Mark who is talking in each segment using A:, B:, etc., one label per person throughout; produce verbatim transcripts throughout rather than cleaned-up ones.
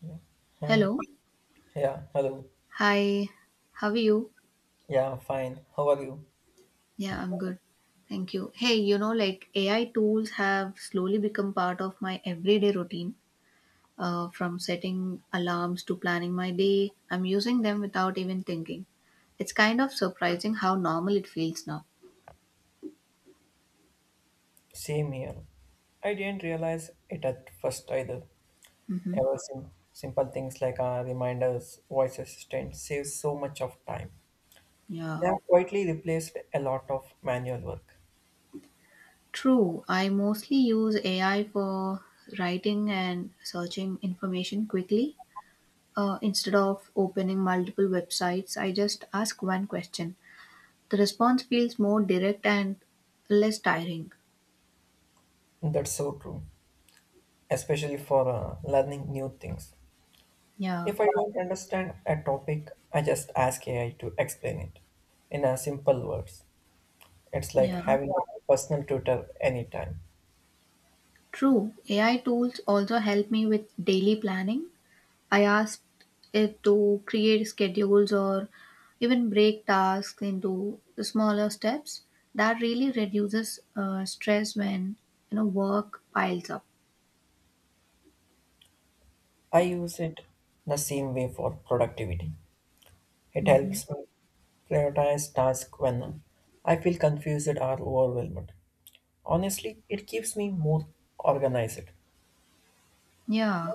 A: Yeah. Hi.
B: Hello.
A: Yeah. Hello.
B: Hi. How are you?
A: Yeah, I'm fine. How are you?
B: Yeah, I'm good. Thank you. Hey, you know, like A I tools have slowly become part of my everyday routine. Uh, from setting alarms to planning my day, I'm using them without even thinking. It's kind of surprising how normal it feels now.
A: Same here. I didn't realize it at first either.
B: Mm-hmm.
A: Ever sim- simple things like uh, reminders, voice assistant save so much of time. They
B: Yeah.
A: have quietly replaced a lot of manual work.
B: True. I mostly use A I for writing and searching information quickly. Uh, instead of opening multiple websites, I just ask one question. The response feels more direct and less tiring.
A: That's so true, especially for uh, learning new things.
B: Yeah,
A: If I don't understand a topic, I just ask A I to explain it in a simple words. It's like
B: yeah.
A: having a personal tutor anytime.
B: True. A I tools also help me with daily planning. I asked it to create schedules or even break tasks into smaller steps. That really reduces uh, stress when you know work piles up.
A: I use it the same way for productivity. It
B: Hmm.
A: helps me prioritize tasks when I feel confused or overwhelmed. Honestly, it keeps me more organized.
B: Yeah,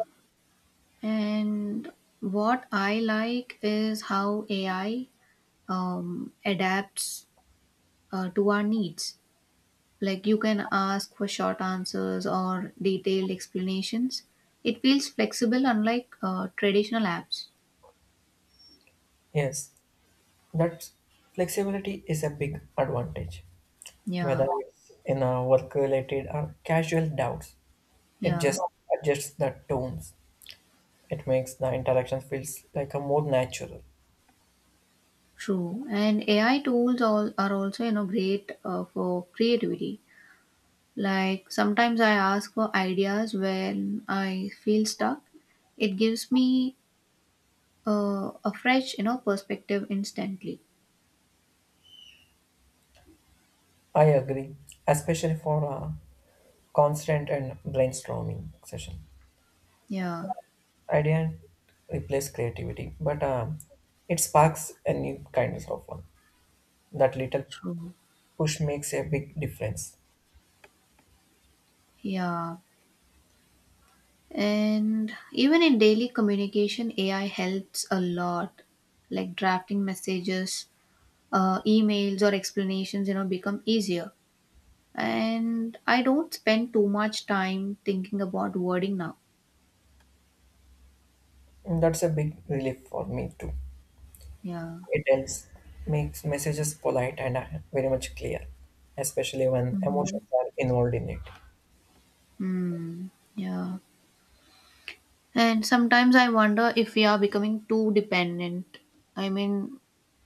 B: and what I like is how A I um, adapts uh, to our needs. Like you can ask for short answers or detailed explanations. It feels flexible, unlike uh, traditional apps.
A: Yes, that flexibility is a big advantage,
B: Yeah,
A: whether it's in a work-related or casual doubts. It
B: yeah,
A: just adjusts the tones. It makes the interaction feels like a more natural.
B: true. And A I tools all are also you know great uh, for creativity. Like sometimes I ask for ideas when I feel stuck. It gives me uh, a fresh you know perspective instantly.
A: I agree, especially for a constant and brainstorming session.
B: Yeah,
A: I didn't replace creativity, but um, it sparks a new kindness of one. That little
B: true.
A: push makes a big difference.
B: Yeah. And even in daily communication, A I helps a lot. Like drafting messages, uh, emails, or explanations, you know, become easier. And I don't spend too much time thinking about wording now.
A: And that's a big relief for me too.
B: Yeah.
A: It helps makes messages polite and uh, very much clear, especially when
B: Mm-hmm.
A: emotions are involved in it.
B: Mm, yeah. And sometimes I wonder if we are becoming too dependent. I mean,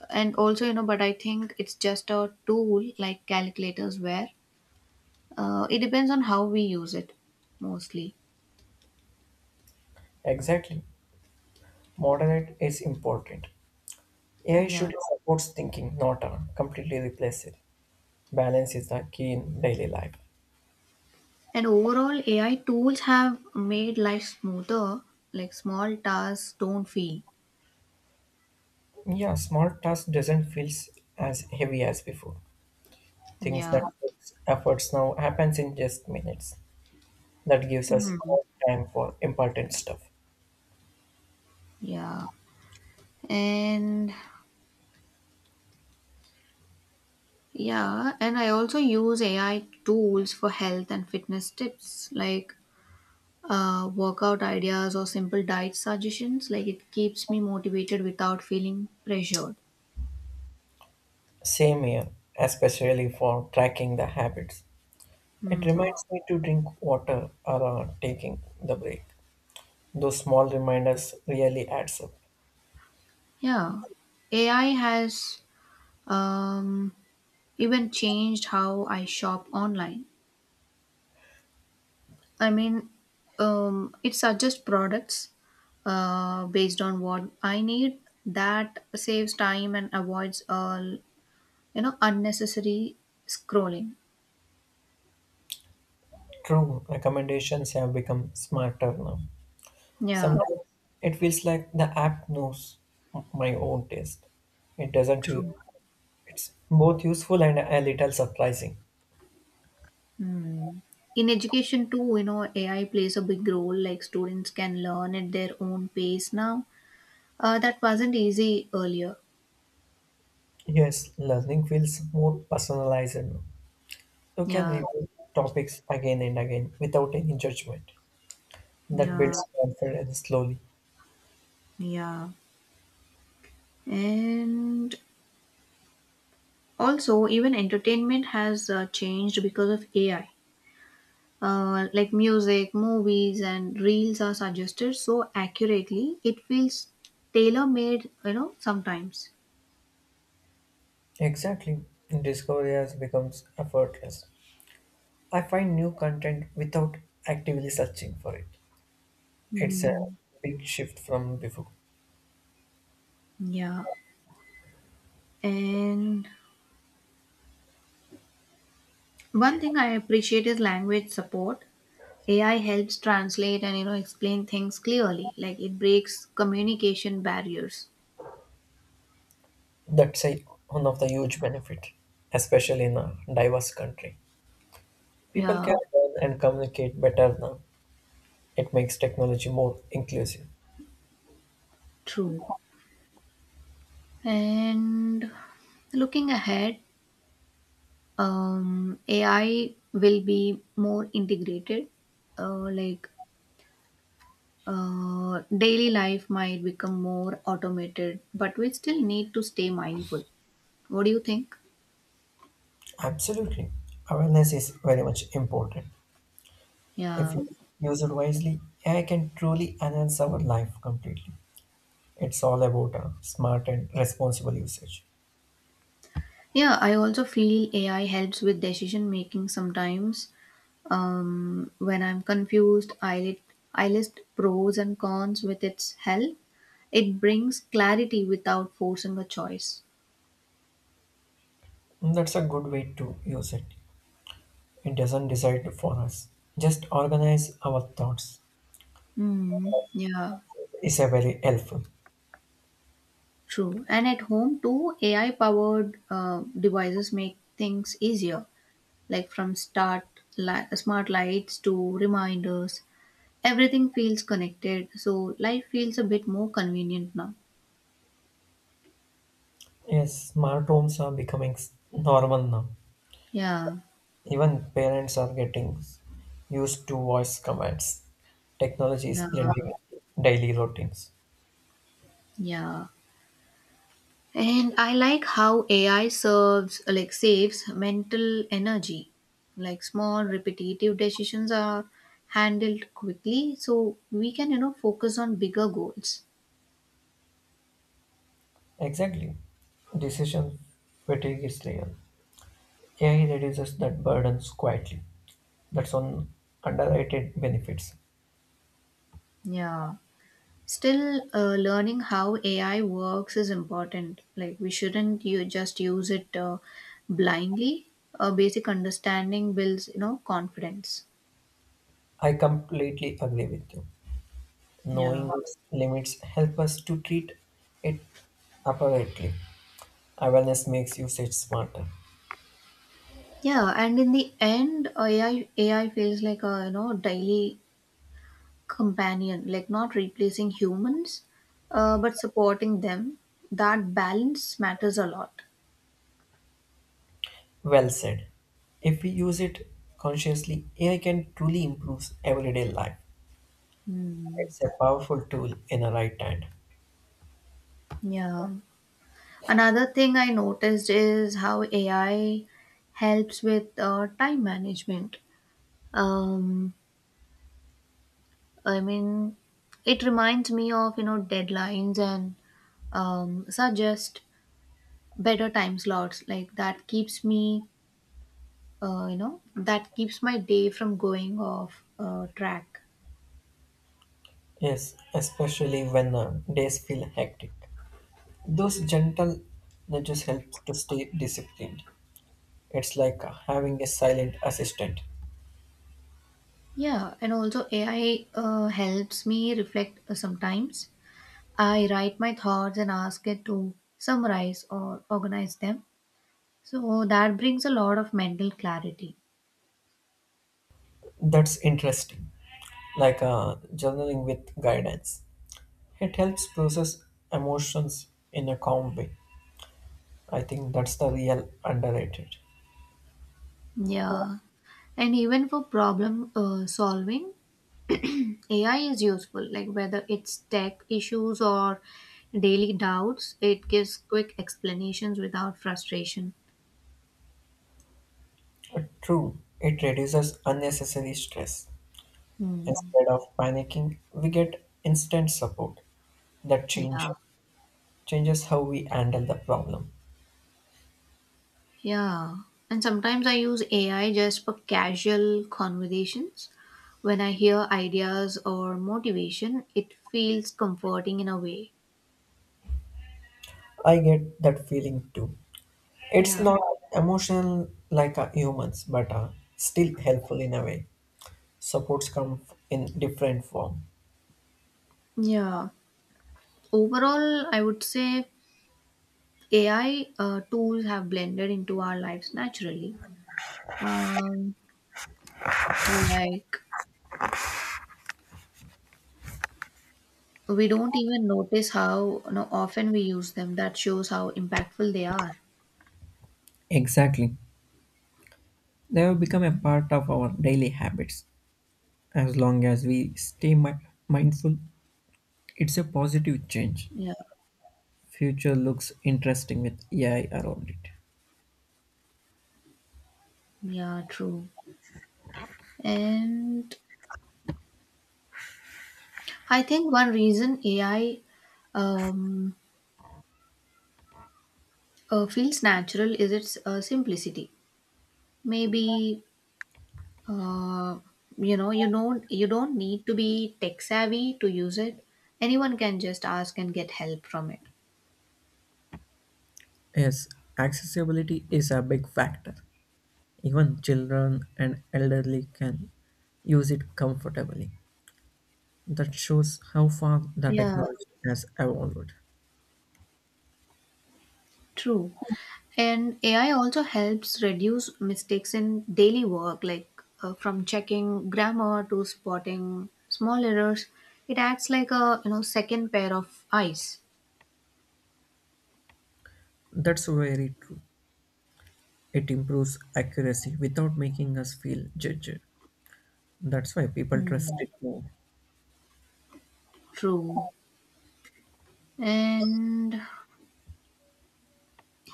B: and also, you know, but I think it's just a tool like calculators where uh, it depends on how we use it mostly.
A: Exactly. Moderate is important. A I should
B: Yeah.
A: support thinking, not uh, completely replace it. Balance is the key in daily life.
B: And overall, A I tools have made life smoother. Like small tasks don't feel.
A: Yeah, small task doesn't feel as heavy as before. Things that
B: Yeah.
A: takes efforts now happens in just minutes. That gives us
B: Mhm.
A: more time for important stuff.
B: Yeah. And yeah. And I also use A I tools for health and fitness tips, like uh, workout ideas or simple diet suggestions. Like it keeps me motivated without feeling pressured.
A: Same here, especially for tracking the habits. It
B: Hmm.
A: reminds me to drink water or uh, taking the break. Those small reminders really adds up.
B: Yeah. A I has um, even changed how I shop online. I mean, um, it suggests products uh, based on what I need. That saves time and avoids all you know unnecessary scrolling.
A: True, recommendations have become smarter now.
B: Yeah.
A: Sometimes it feels like the app knows m- my own taste. It doesn't
B: True.
A: you. It's both useful and a little surprising.
B: Hmm. In education too, you know, A I plays a big role. Like students can learn at their own pace now. Uh, that wasn't easy earlier.
A: Yes, learning feels more personalized. You can
B: Yeah.
A: review topics again and again without any judgment. That
B: Yeah.
A: builds confidence slowly.
B: Yeah. And also, even entertainment has uh, changed because of A I. Uh, like music, movies, and reels are suggested so accurately, it feels tailor made, you know, sometimes.
A: Exactly. Discovery has becomes effortless. I find new content without actively searching for it. It's a
B: Mm,
A: big shift from before.
B: yeah. And one thing I appreciate is language support. A I helps translate and, you know, explain things clearly. Like it breaks communication barriers.
A: That's a, one of the huge benefit, especially in a diverse country. People
B: Yeah,
A: can learn and communicate better now. It makes technology more inclusive.
B: true. And looking ahead, um, A I will be more integrated uh, like Uh, daily life might become more automated, but we still need to stay mindful. What do you think?
A: Absolutely. Awareness is very much important. If
B: Yeah.
A: we use it wisely, A I can truly enhance our life completely. It's all about a smart and responsible usage.
B: Yeah, I also feel A I helps with decision making sometimes. Um, when I'm confused, I, lit, I list pros and cons with its help. It brings clarity without forcing a choice.
A: And that's a good way to use it. It doesn't decide for us. Just organize our thoughts.
B: Hmm. Yeah,
A: It's a very helpful.
B: true. And at home too, A I powered uh, devices make things easier. Like from start li- smart lights to reminders, everything feels connected, so life feels a bit more convenient now.
A: Yes, smart homes are becoming s- normal now.
B: Yeah,
A: Even parents are getting used to voice commands. Technology is
B: yeah.
A: blending into daily routines.
B: Yeah, and I like how ai serves like saves mental energy. Like small repetitive decisions are handled quickly, so we can you know focus on bigger goals.
A: Exactly. Decision fatigue is real. A I reduces that burdens quietly. That's one underrated benefits.
B: Yeah. Still, uh, learning how A I works is important. Like, we shouldn't you just use it uh, blindly. A basic understanding builds, you know, confidence.
A: I completely agree with you.
B: Yeah.
A: Knowing its limits help us to treat it appropriately. Awareness makes usage smarter.
B: Yeah, and in the end, A I A I feels like a you know daily companion, like not replacing humans, uh, but supporting them. That balance matters a lot.
A: Well said. If we use it consciously, A I can truly improve everyday life.
B: Hmm.
A: It's a powerful tool in the right hand.
B: Yeah. Another thing I noticed is how A I helps with uh, time management. Um, I mean, it reminds me of you know deadlines and um, suggest better time slots. Like that keeps me, uh, you know, that keeps my day from going off uh, track.
A: Yes, especially when uh, days feel hectic. Those gentle nudges help to stay disciplined. It's like uh, having a silent assistant.
B: Yeah, and also A I uh, helps me reflect uh, sometimes. I write my thoughts and ask it to summarize or organize them. So that brings a lot of mental clarity.
A: That's interesting. Like uh, journaling with guidance. It helps process emotions in a calm way. I think that's the real underrated.
B: Yeah. And even for problem uh, solving, A I is useful. Like whether it's tech issues or daily doubts, it gives quick explanations without frustration.
A: Uh, True, it reduces unnecessary stress.
B: Hmm.
A: Instead of panicking, we get instant support. That change
B: Yeah.
A: changes how we handle the problem.
B: Yeah. And sometimes I use A I just for casual conversations. When I hear ideas or motivation, it feels comforting in a way.
A: I get that feeling too. It's
B: Yeah.
A: not emotional like a humans, but uh, still helpful in a way. Supports come f- in different form.
B: Yeah. Overall, I would say A I uh, tools have blended into our lives naturally. Um, like we don't even notice how you know, often we use them. That shows how impactful they are.
A: Exactly. They have become a part of our daily habits. As long as we stay mi- mindful, it's a positive change.
B: Yeah,
A: Future looks interesting with A I around it.
B: yeah, true. And I think one reason A I um, uh, feels natural is its uh, simplicity. Maybe uh, you know you don't you don't need to be tech savvy to use it. Anyone can just ask and get help from it.
A: Yes, accessibility is a big factor. Even children and elderly can use it comfortably. That shows how far the
B: Yeah,
A: technology has evolved.
B: true. And A I also helps reduce mistakes in daily work, like uh, from checking grammar to spotting small errors. It acts like a you know second pair of eyes.
A: That's very true. It improves accuracy without making us feel judged. That's why people trust
B: Hmm.
A: it more.
B: True. And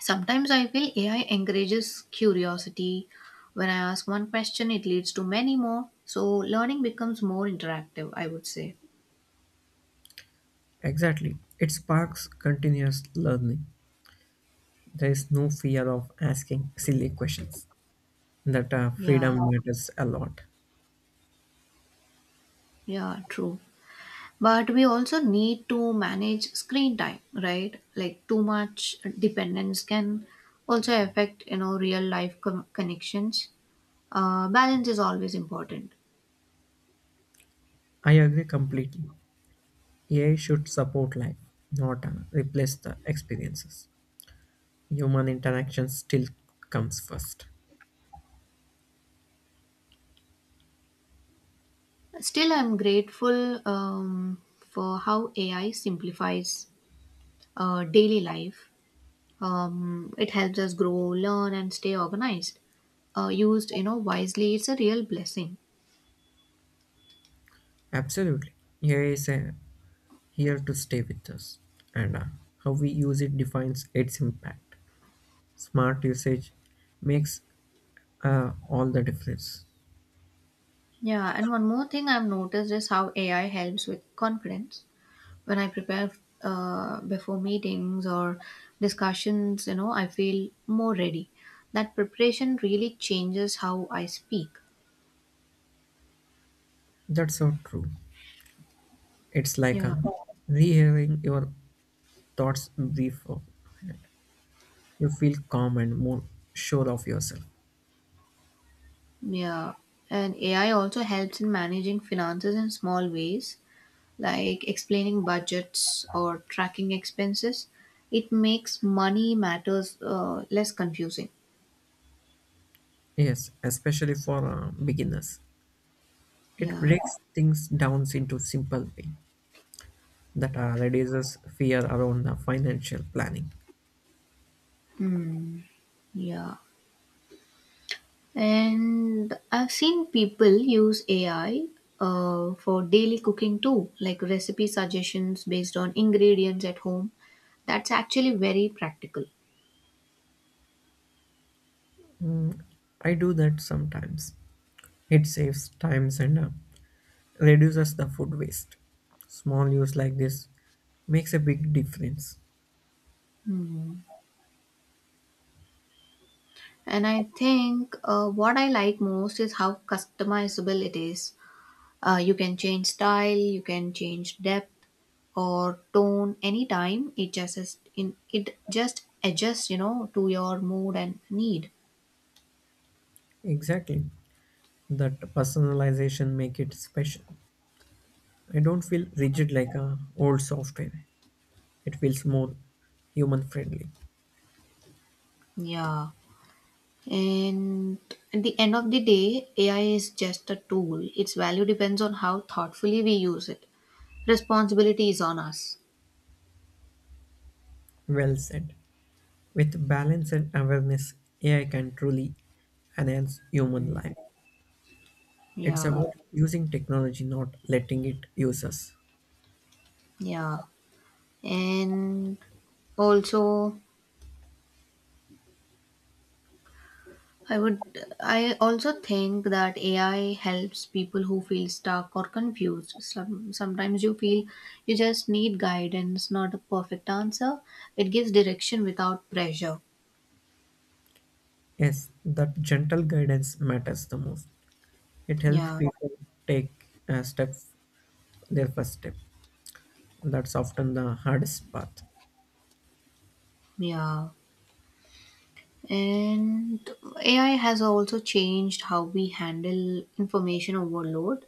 B: sometimes I feel A I encourages curiosity. When I ask one question, it leads to many more. So learning becomes more interactive, I would say.
A: Exactly. It sparks continuous learning. There is no fear of asking silly questions. That uh, freedom
B: Yeah.
A: matters a lot.
B: Yeah, true. But we also need to manage screen time, right? Like too much dependence can also affect, you know, real life con- connections. Uh, balance is always important.
A: I agree completely. A I should support life, not uh, replace the experiences. Human interaction still comes first.
B: Still, I'm grateful um, for how A I simplifies uh, daily life. Um, it helps us grow, learn, and stay organized. Uh, used, you know, wisely, it's a real blessing.
A: Absolutely. A I is a here to stay with us, and uh, how we use it defines its impact. Smart usage makes uh, all the difference.
B: Yeah, and one more thing I've noticed is how A I helps with confidence when I prepare uh, before meetings or discussions, you know, I feel more ready. That preparation really changes how I speak.
A: That's so true. It's like
B: Yeah.
A: uh, rehearing your thoughts before. You feel calm and more sure of yourself.
B: Yeah. And A I also helps in managing finances in small ways, like explaining budgets or tracking expenses. It makes money matters uh, less confusing.
A: Yes, especially for uh, beginners. It
B: Yeah.
A: breaks things down into simple way that uh, reduces fear around the financial planning.
B: Hmm. Yeah. And I've seen people use A I uh, for daily cooking too, like recipe suggestions based on ingredients at home. That's actually very practical.
A: I do that sometimes. It saves times and uh, reduces the food waste. Small use like this makes a big difference.
B: Hmm. And I think uh, what I like most is how customizable it is. Uh, you can change style, you can change depth or tone anytime. It just is in it just adjusts, you know, to your mood and need.
A: Exactly. That personalization make it special. I don't feel rigid like a old software. It feels more human friendly.
B: Yeah. And at the end of the day, A I is just a tool. Its value depends on how thoughtfully we use it. Responsibility is on us.
A: Well said. With balance and awareness, A I can truly enhance human life. It's
B: Yeah,
A: about using technology, not letting it use us.
B: yeah. And also, I would, I also think that A I helps people who feel stuck or confused. Some, sometimes you feel you just need guidance, not a perfect answer. It gives direction without pressure.
A: Yes, that gentle guidance matters the most. It helps
B: Yeah,
A: people take a step their first step. That's often the hardest path.
B: yeah. And A I has also changed how we handle information overload.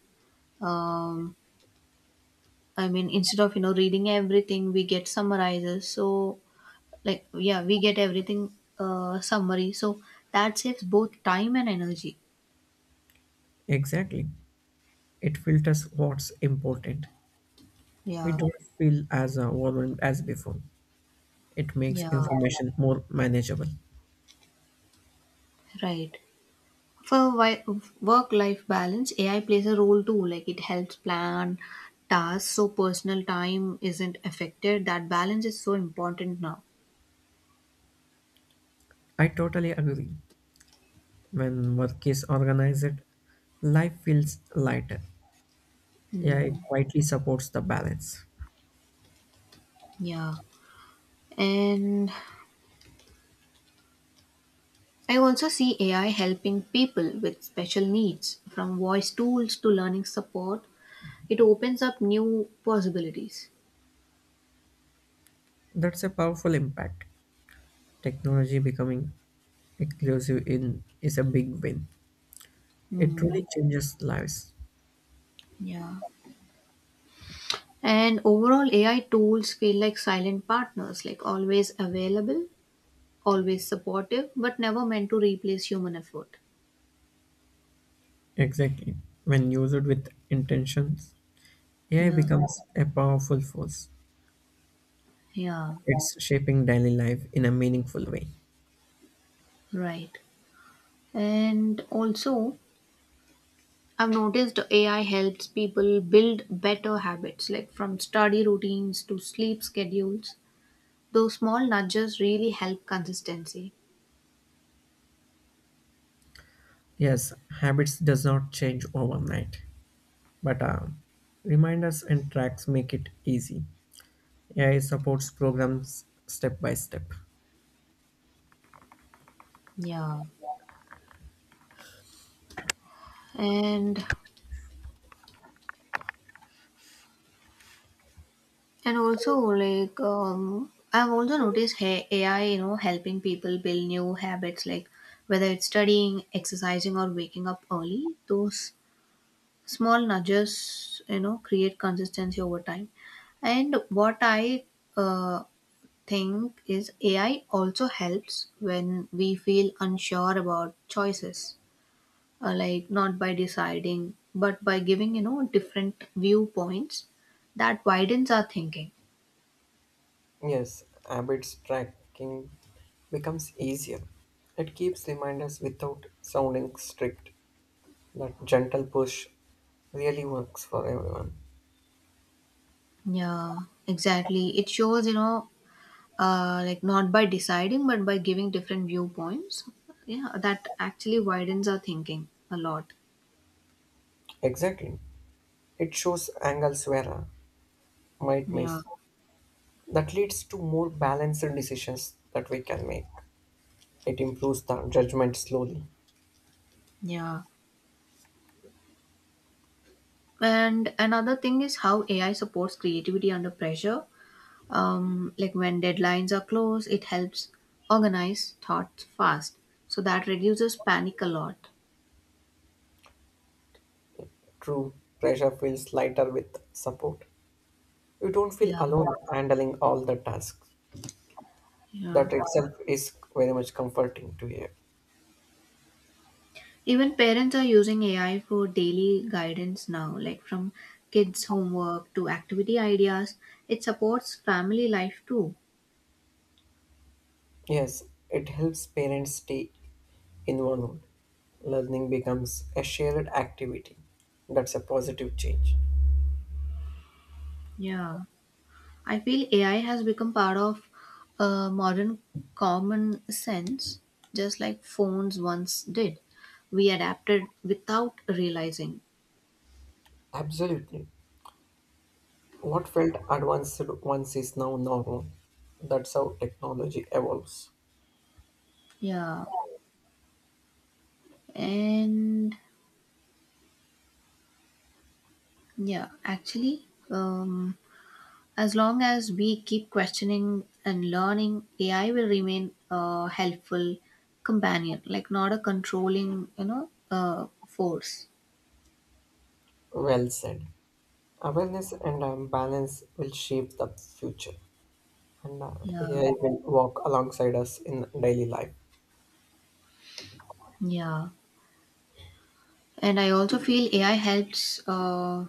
B: Um, I mean, instead of you know reading everything, we get summarizes. So, like, yeah, we get everything uh, summary. So that saves both time and energy.
A: Exactly. It filters what's important. We
B: Yeah,
A: don't feel as uh, overwhelmed as before. It makes
B: yeah,
A: information more manageable.
B: right. For wi- work-life balance, A I plays a role too. Like, it helps plan tasks so personal time isn't affected. That balance is so important now.
A: I totally agree. When work is organized, life feels lighter. A I
B: Hmm.
A: quietly supports the balance.
B: Yeah. And I also see A I helping people with special needs, from voice tools to learning support. It opens up new possibilities.
A: That's a powerful impact. Technology becoming inclusive in is a big win. It truly
B: Hmm.
A: changes lives.
B: Yeah. And overall, A I tools feel like silent partners, like always available, always supportive, but never meant to replace human effort.
A: Exactly. When used with intentions, A I
B: Yeah.
A: becomes a powerful force.
B: Yeah.
A: It's shaping daily life in a meaningful way.
B: Right. And also, I've noticed A I helps people build better habits, like from study routines to sleep schedules. Those small nudges really help consistency.
A: Yes, habits does not change overnight, but uh, reminders and tracks make it easy. A I supports programs step by step.
B: Yeah. And and also like um, I've also noticed hey, A I, you know, helping people build new habits, like whether it's studying, exercising, or waking up early. Those small nudges, you know, create consistency over time. And what I uh, think is A I also helps when we feel unsure about choices, uh, like not by deciding, but by giving, you know, different viewpoints that widens our thinking.
A: Yes, habits tracking becomes easier. It keeps reminders without sounding strict. That gentle push really works for everyone.
B: Yeah, exactly. It shows, you know, uh, like not by deciding, but by giving different viewpoints. Yeah, that actually widens our thinking a lot.
A: Exactly. It shows angles where I might
B: Yeah,
A: miss. That leads to more balanced decisions that we can make. It improves the judgment slowly.
B: yeah. And another thing is how A I supports creativity under pressure. Um, like when deadlines are close, it helps organize thoughts fast, so that reduces panic a lot.
A: True, pressure feels lighter with support. You don't feel
B: Yeah,
A: alone handling all the tasks.
B: yeah.
A: That itself is very much comforting to hear.
B: Even parents are using AI for daily guidance now, like from kids homework to activity ideas. It supports family life too.
A: Yes, it helps parents stay involved. Learning becomes a shared activity. That's a positive change.
B: Yeah, I feel AI has become part of uh, modern common sense, just like phones once did. We adapted without realizing.
A: Absolutely. What felt advanced once is now normal. That's how technology evolves.
B: Yeah, and yeah actually, um, as long as we keep questioning and learning, AI will remain a helpful companion, like not a controlling you know uh, force.
A: Well said. Awareness and um, balance will shape the future, and uh,
B: Yeah,
A: A I will walk alongside us in daily life.
B: yeah. And I also feel ai helps uh,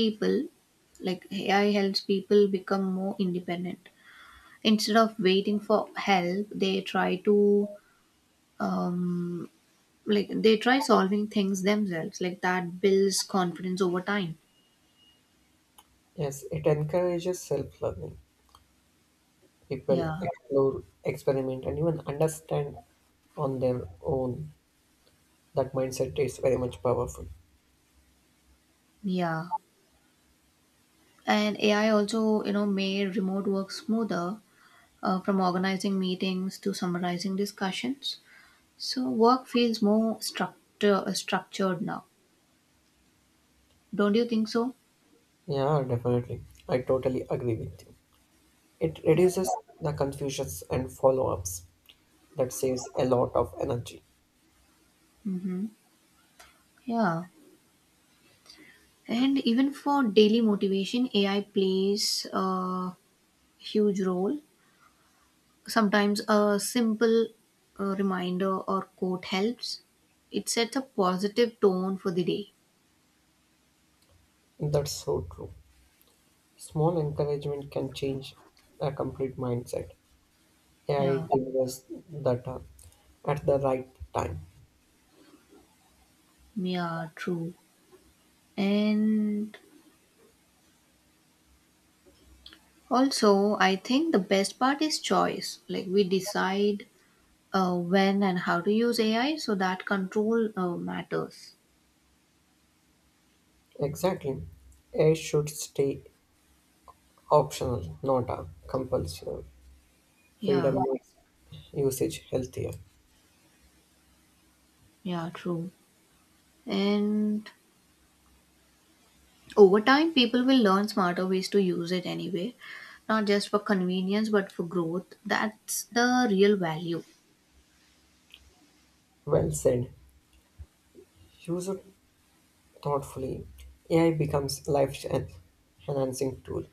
B: people like AI helps people become more independent. Instead of waiting for help, they try to um, like they try solving things themselves, like that builds confidence over time.
A: Yes, it encourages self learning. People
B: Yeah,
A: explore, experiment, and even understand on their own. That mindset is very much powerful.
B: yeah. And AI also you know made remote work smoother, uh, from organizing meetings to summarizing discussions. So work feels more structure uh, structured now. Don't you think so?
A: Yeah, definitely. I totally agree with you. It
B: Yeah.
A: reduces the confusions and follow ups. That saves a lot of energy.
B: Mm-hmm. Yeah, and even for daily motivation, AI plays a huge role. Sometimes a simple uh, reminder or quote helps. It sets a positive tone for the day.
A: That's so true. Small encouragement can change a complete mindset. A I
B: Yeah,
A: delivers data at the right time.
B: yeah, true. And also, I think the best part is choice. Like we decide uh, when and how to use A I, so that control uh, matters.
A: Exactly. A I should stay optional, not a compulsory.
B: Yeah,
A: Freedom makes usage healthier.
B: yeah, true. And over time, people will learn smarter ways to use it anyway, not just for convenience, but for growth. That's the real value.
A: Well said. Use it thoughtfully. A I becomes life en- enhancing tool,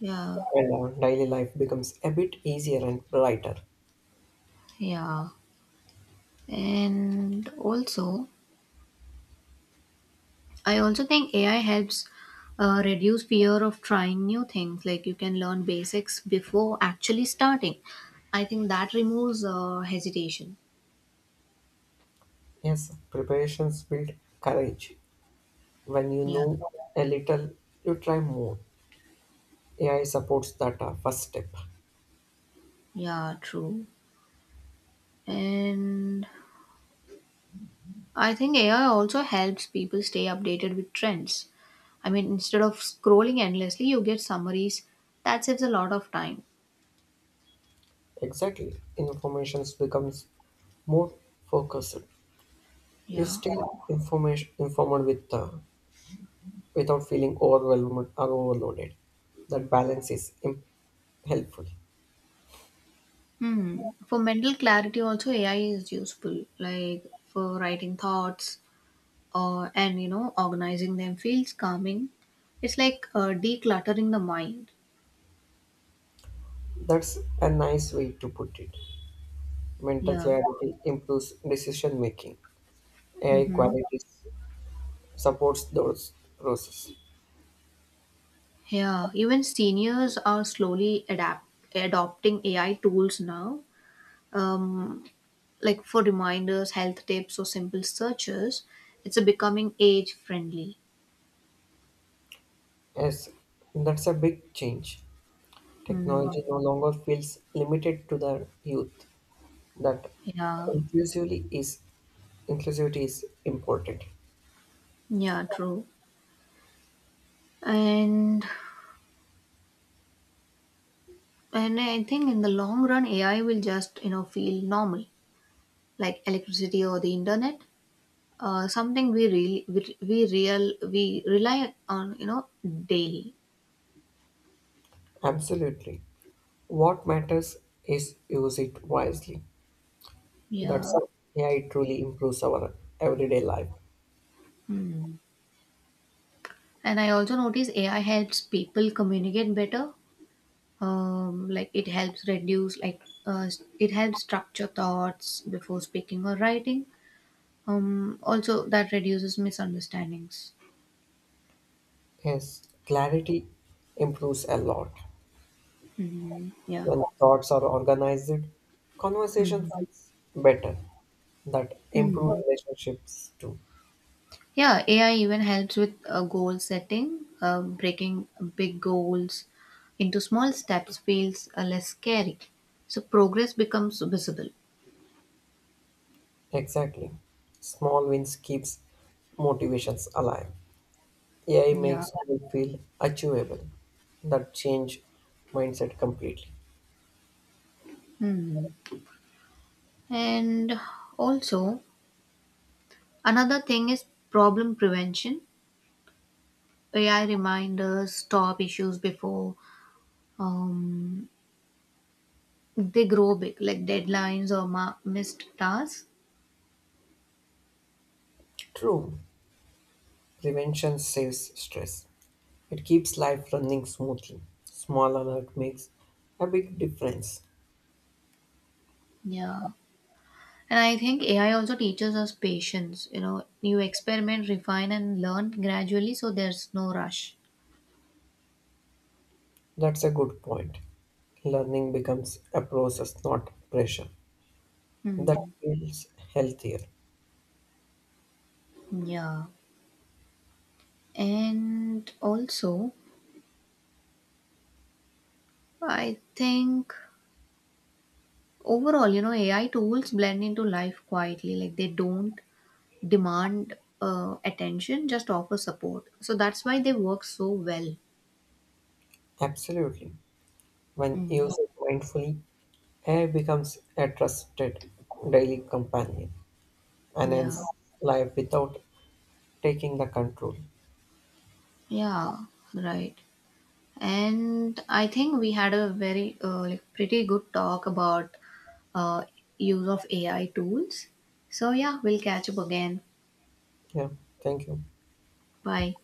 B: Yeah,
A: and our daily life becomes a bit easier and brighter.
B: yeah. And also, I also think A I helps uh, reduce fear of trying new things. Like you can learn basics before actually starting. I think that removes uh, hesitation.
A: Yes, preparations build courage. When you
B: Yeah,
A: know a little, you try more. A I supports that uh, first step.
B: yeah, true. And I think A I also helps people stay updated with trends. I mean, instead of scrolling endlessly, you get summaries. That saves a lot of time.
A: Exactly. Information becomes more focused. You
B: Yeah.
A: stay information informed with uh, without feeling overwhelmed or overloaded. That balance is im- helpful.
B: Hmm. For mental clarity, also A I is useful, like for writing thoughts or and you know organizing them feels calming. It's like uh, decluttering the mind.
A: That's a nice way to put it. Mental
B: Yeah.
A: clarity improves decision making. A I
B: Mm-hmm.
A: qualities supports those process.
B: Yeah. Even seniors are slowly adapt adopting A I tools now. Um, like for reminders, health tips, or simple searches, it's a becoming age friendly.
A: Yes, that's a big change.
B: Hmm.
A: Technology no longer feels limited to the youth. That
B: Yeah.
A: inclusively is inclusivity is important.
B: Yeah. True. And And I think in the long run, A I will just you know feel normal, like electricity or the internet, uh, something we really we, we real we rely on you know daily.
A: Absolutely, what matters is use it wisely. That's
B: Yeah.
A: how AI truly improves our everyday life.
B: Hmm. And I also notice A I helps people communicate better. Um, like it helps reduce like uh, it helps structure thoughts before speaking or writing. Um, also that reduces misunderstandings.
A: Yes, clarity improves a lot.
B: Hmm. Yeah.
A: When thoughts are organized, conversation
B: Hmm.
A: feels better. That improves
B: Hmm.
A: relationships too.
B: Yeah, A I even helps with uh, goal setting. Uh, breaking big goals into small steps feels uh, less scary. So progress becomes visible.
A: Exactly, small wins keeps motivations alive. A I
B: Yeah.
A: makes me feel achievable. That change mindset completely.
B: Hmm. And also, another thing is problem prevention. A I reminders stop issues before um, they grow big, like deadlines or ma- missed tasks.
A: True, prevention saves stress. It keeps life running smoothly. Small alert makes a big difference.
B: Yeah. And I think A I also teaches us patience. You know, you experiment, refine, and learn gradually, so there's no rush.
A: That's a good point. Learning becomes a process, not pressure. That
B: Hmm.
A: feels healthier.
B: Yeah. And also, I think overall, you know, A I tools blend into life quietly. Like they don't demand uh, attention, just offer support. So that's why they work so well.
A: Absolutely. When
B: Hmm.
A: used mindfully, A I becomes a trusted daily companion, enhance
B: Yeah.
A: life without taking the control.
B: Yeah. Right. And I think we had a very uh, like pretty good talk about uh, use of A I tools. So yeah, we'll catch up again.
A: Yeah, thank you.
B: Bye.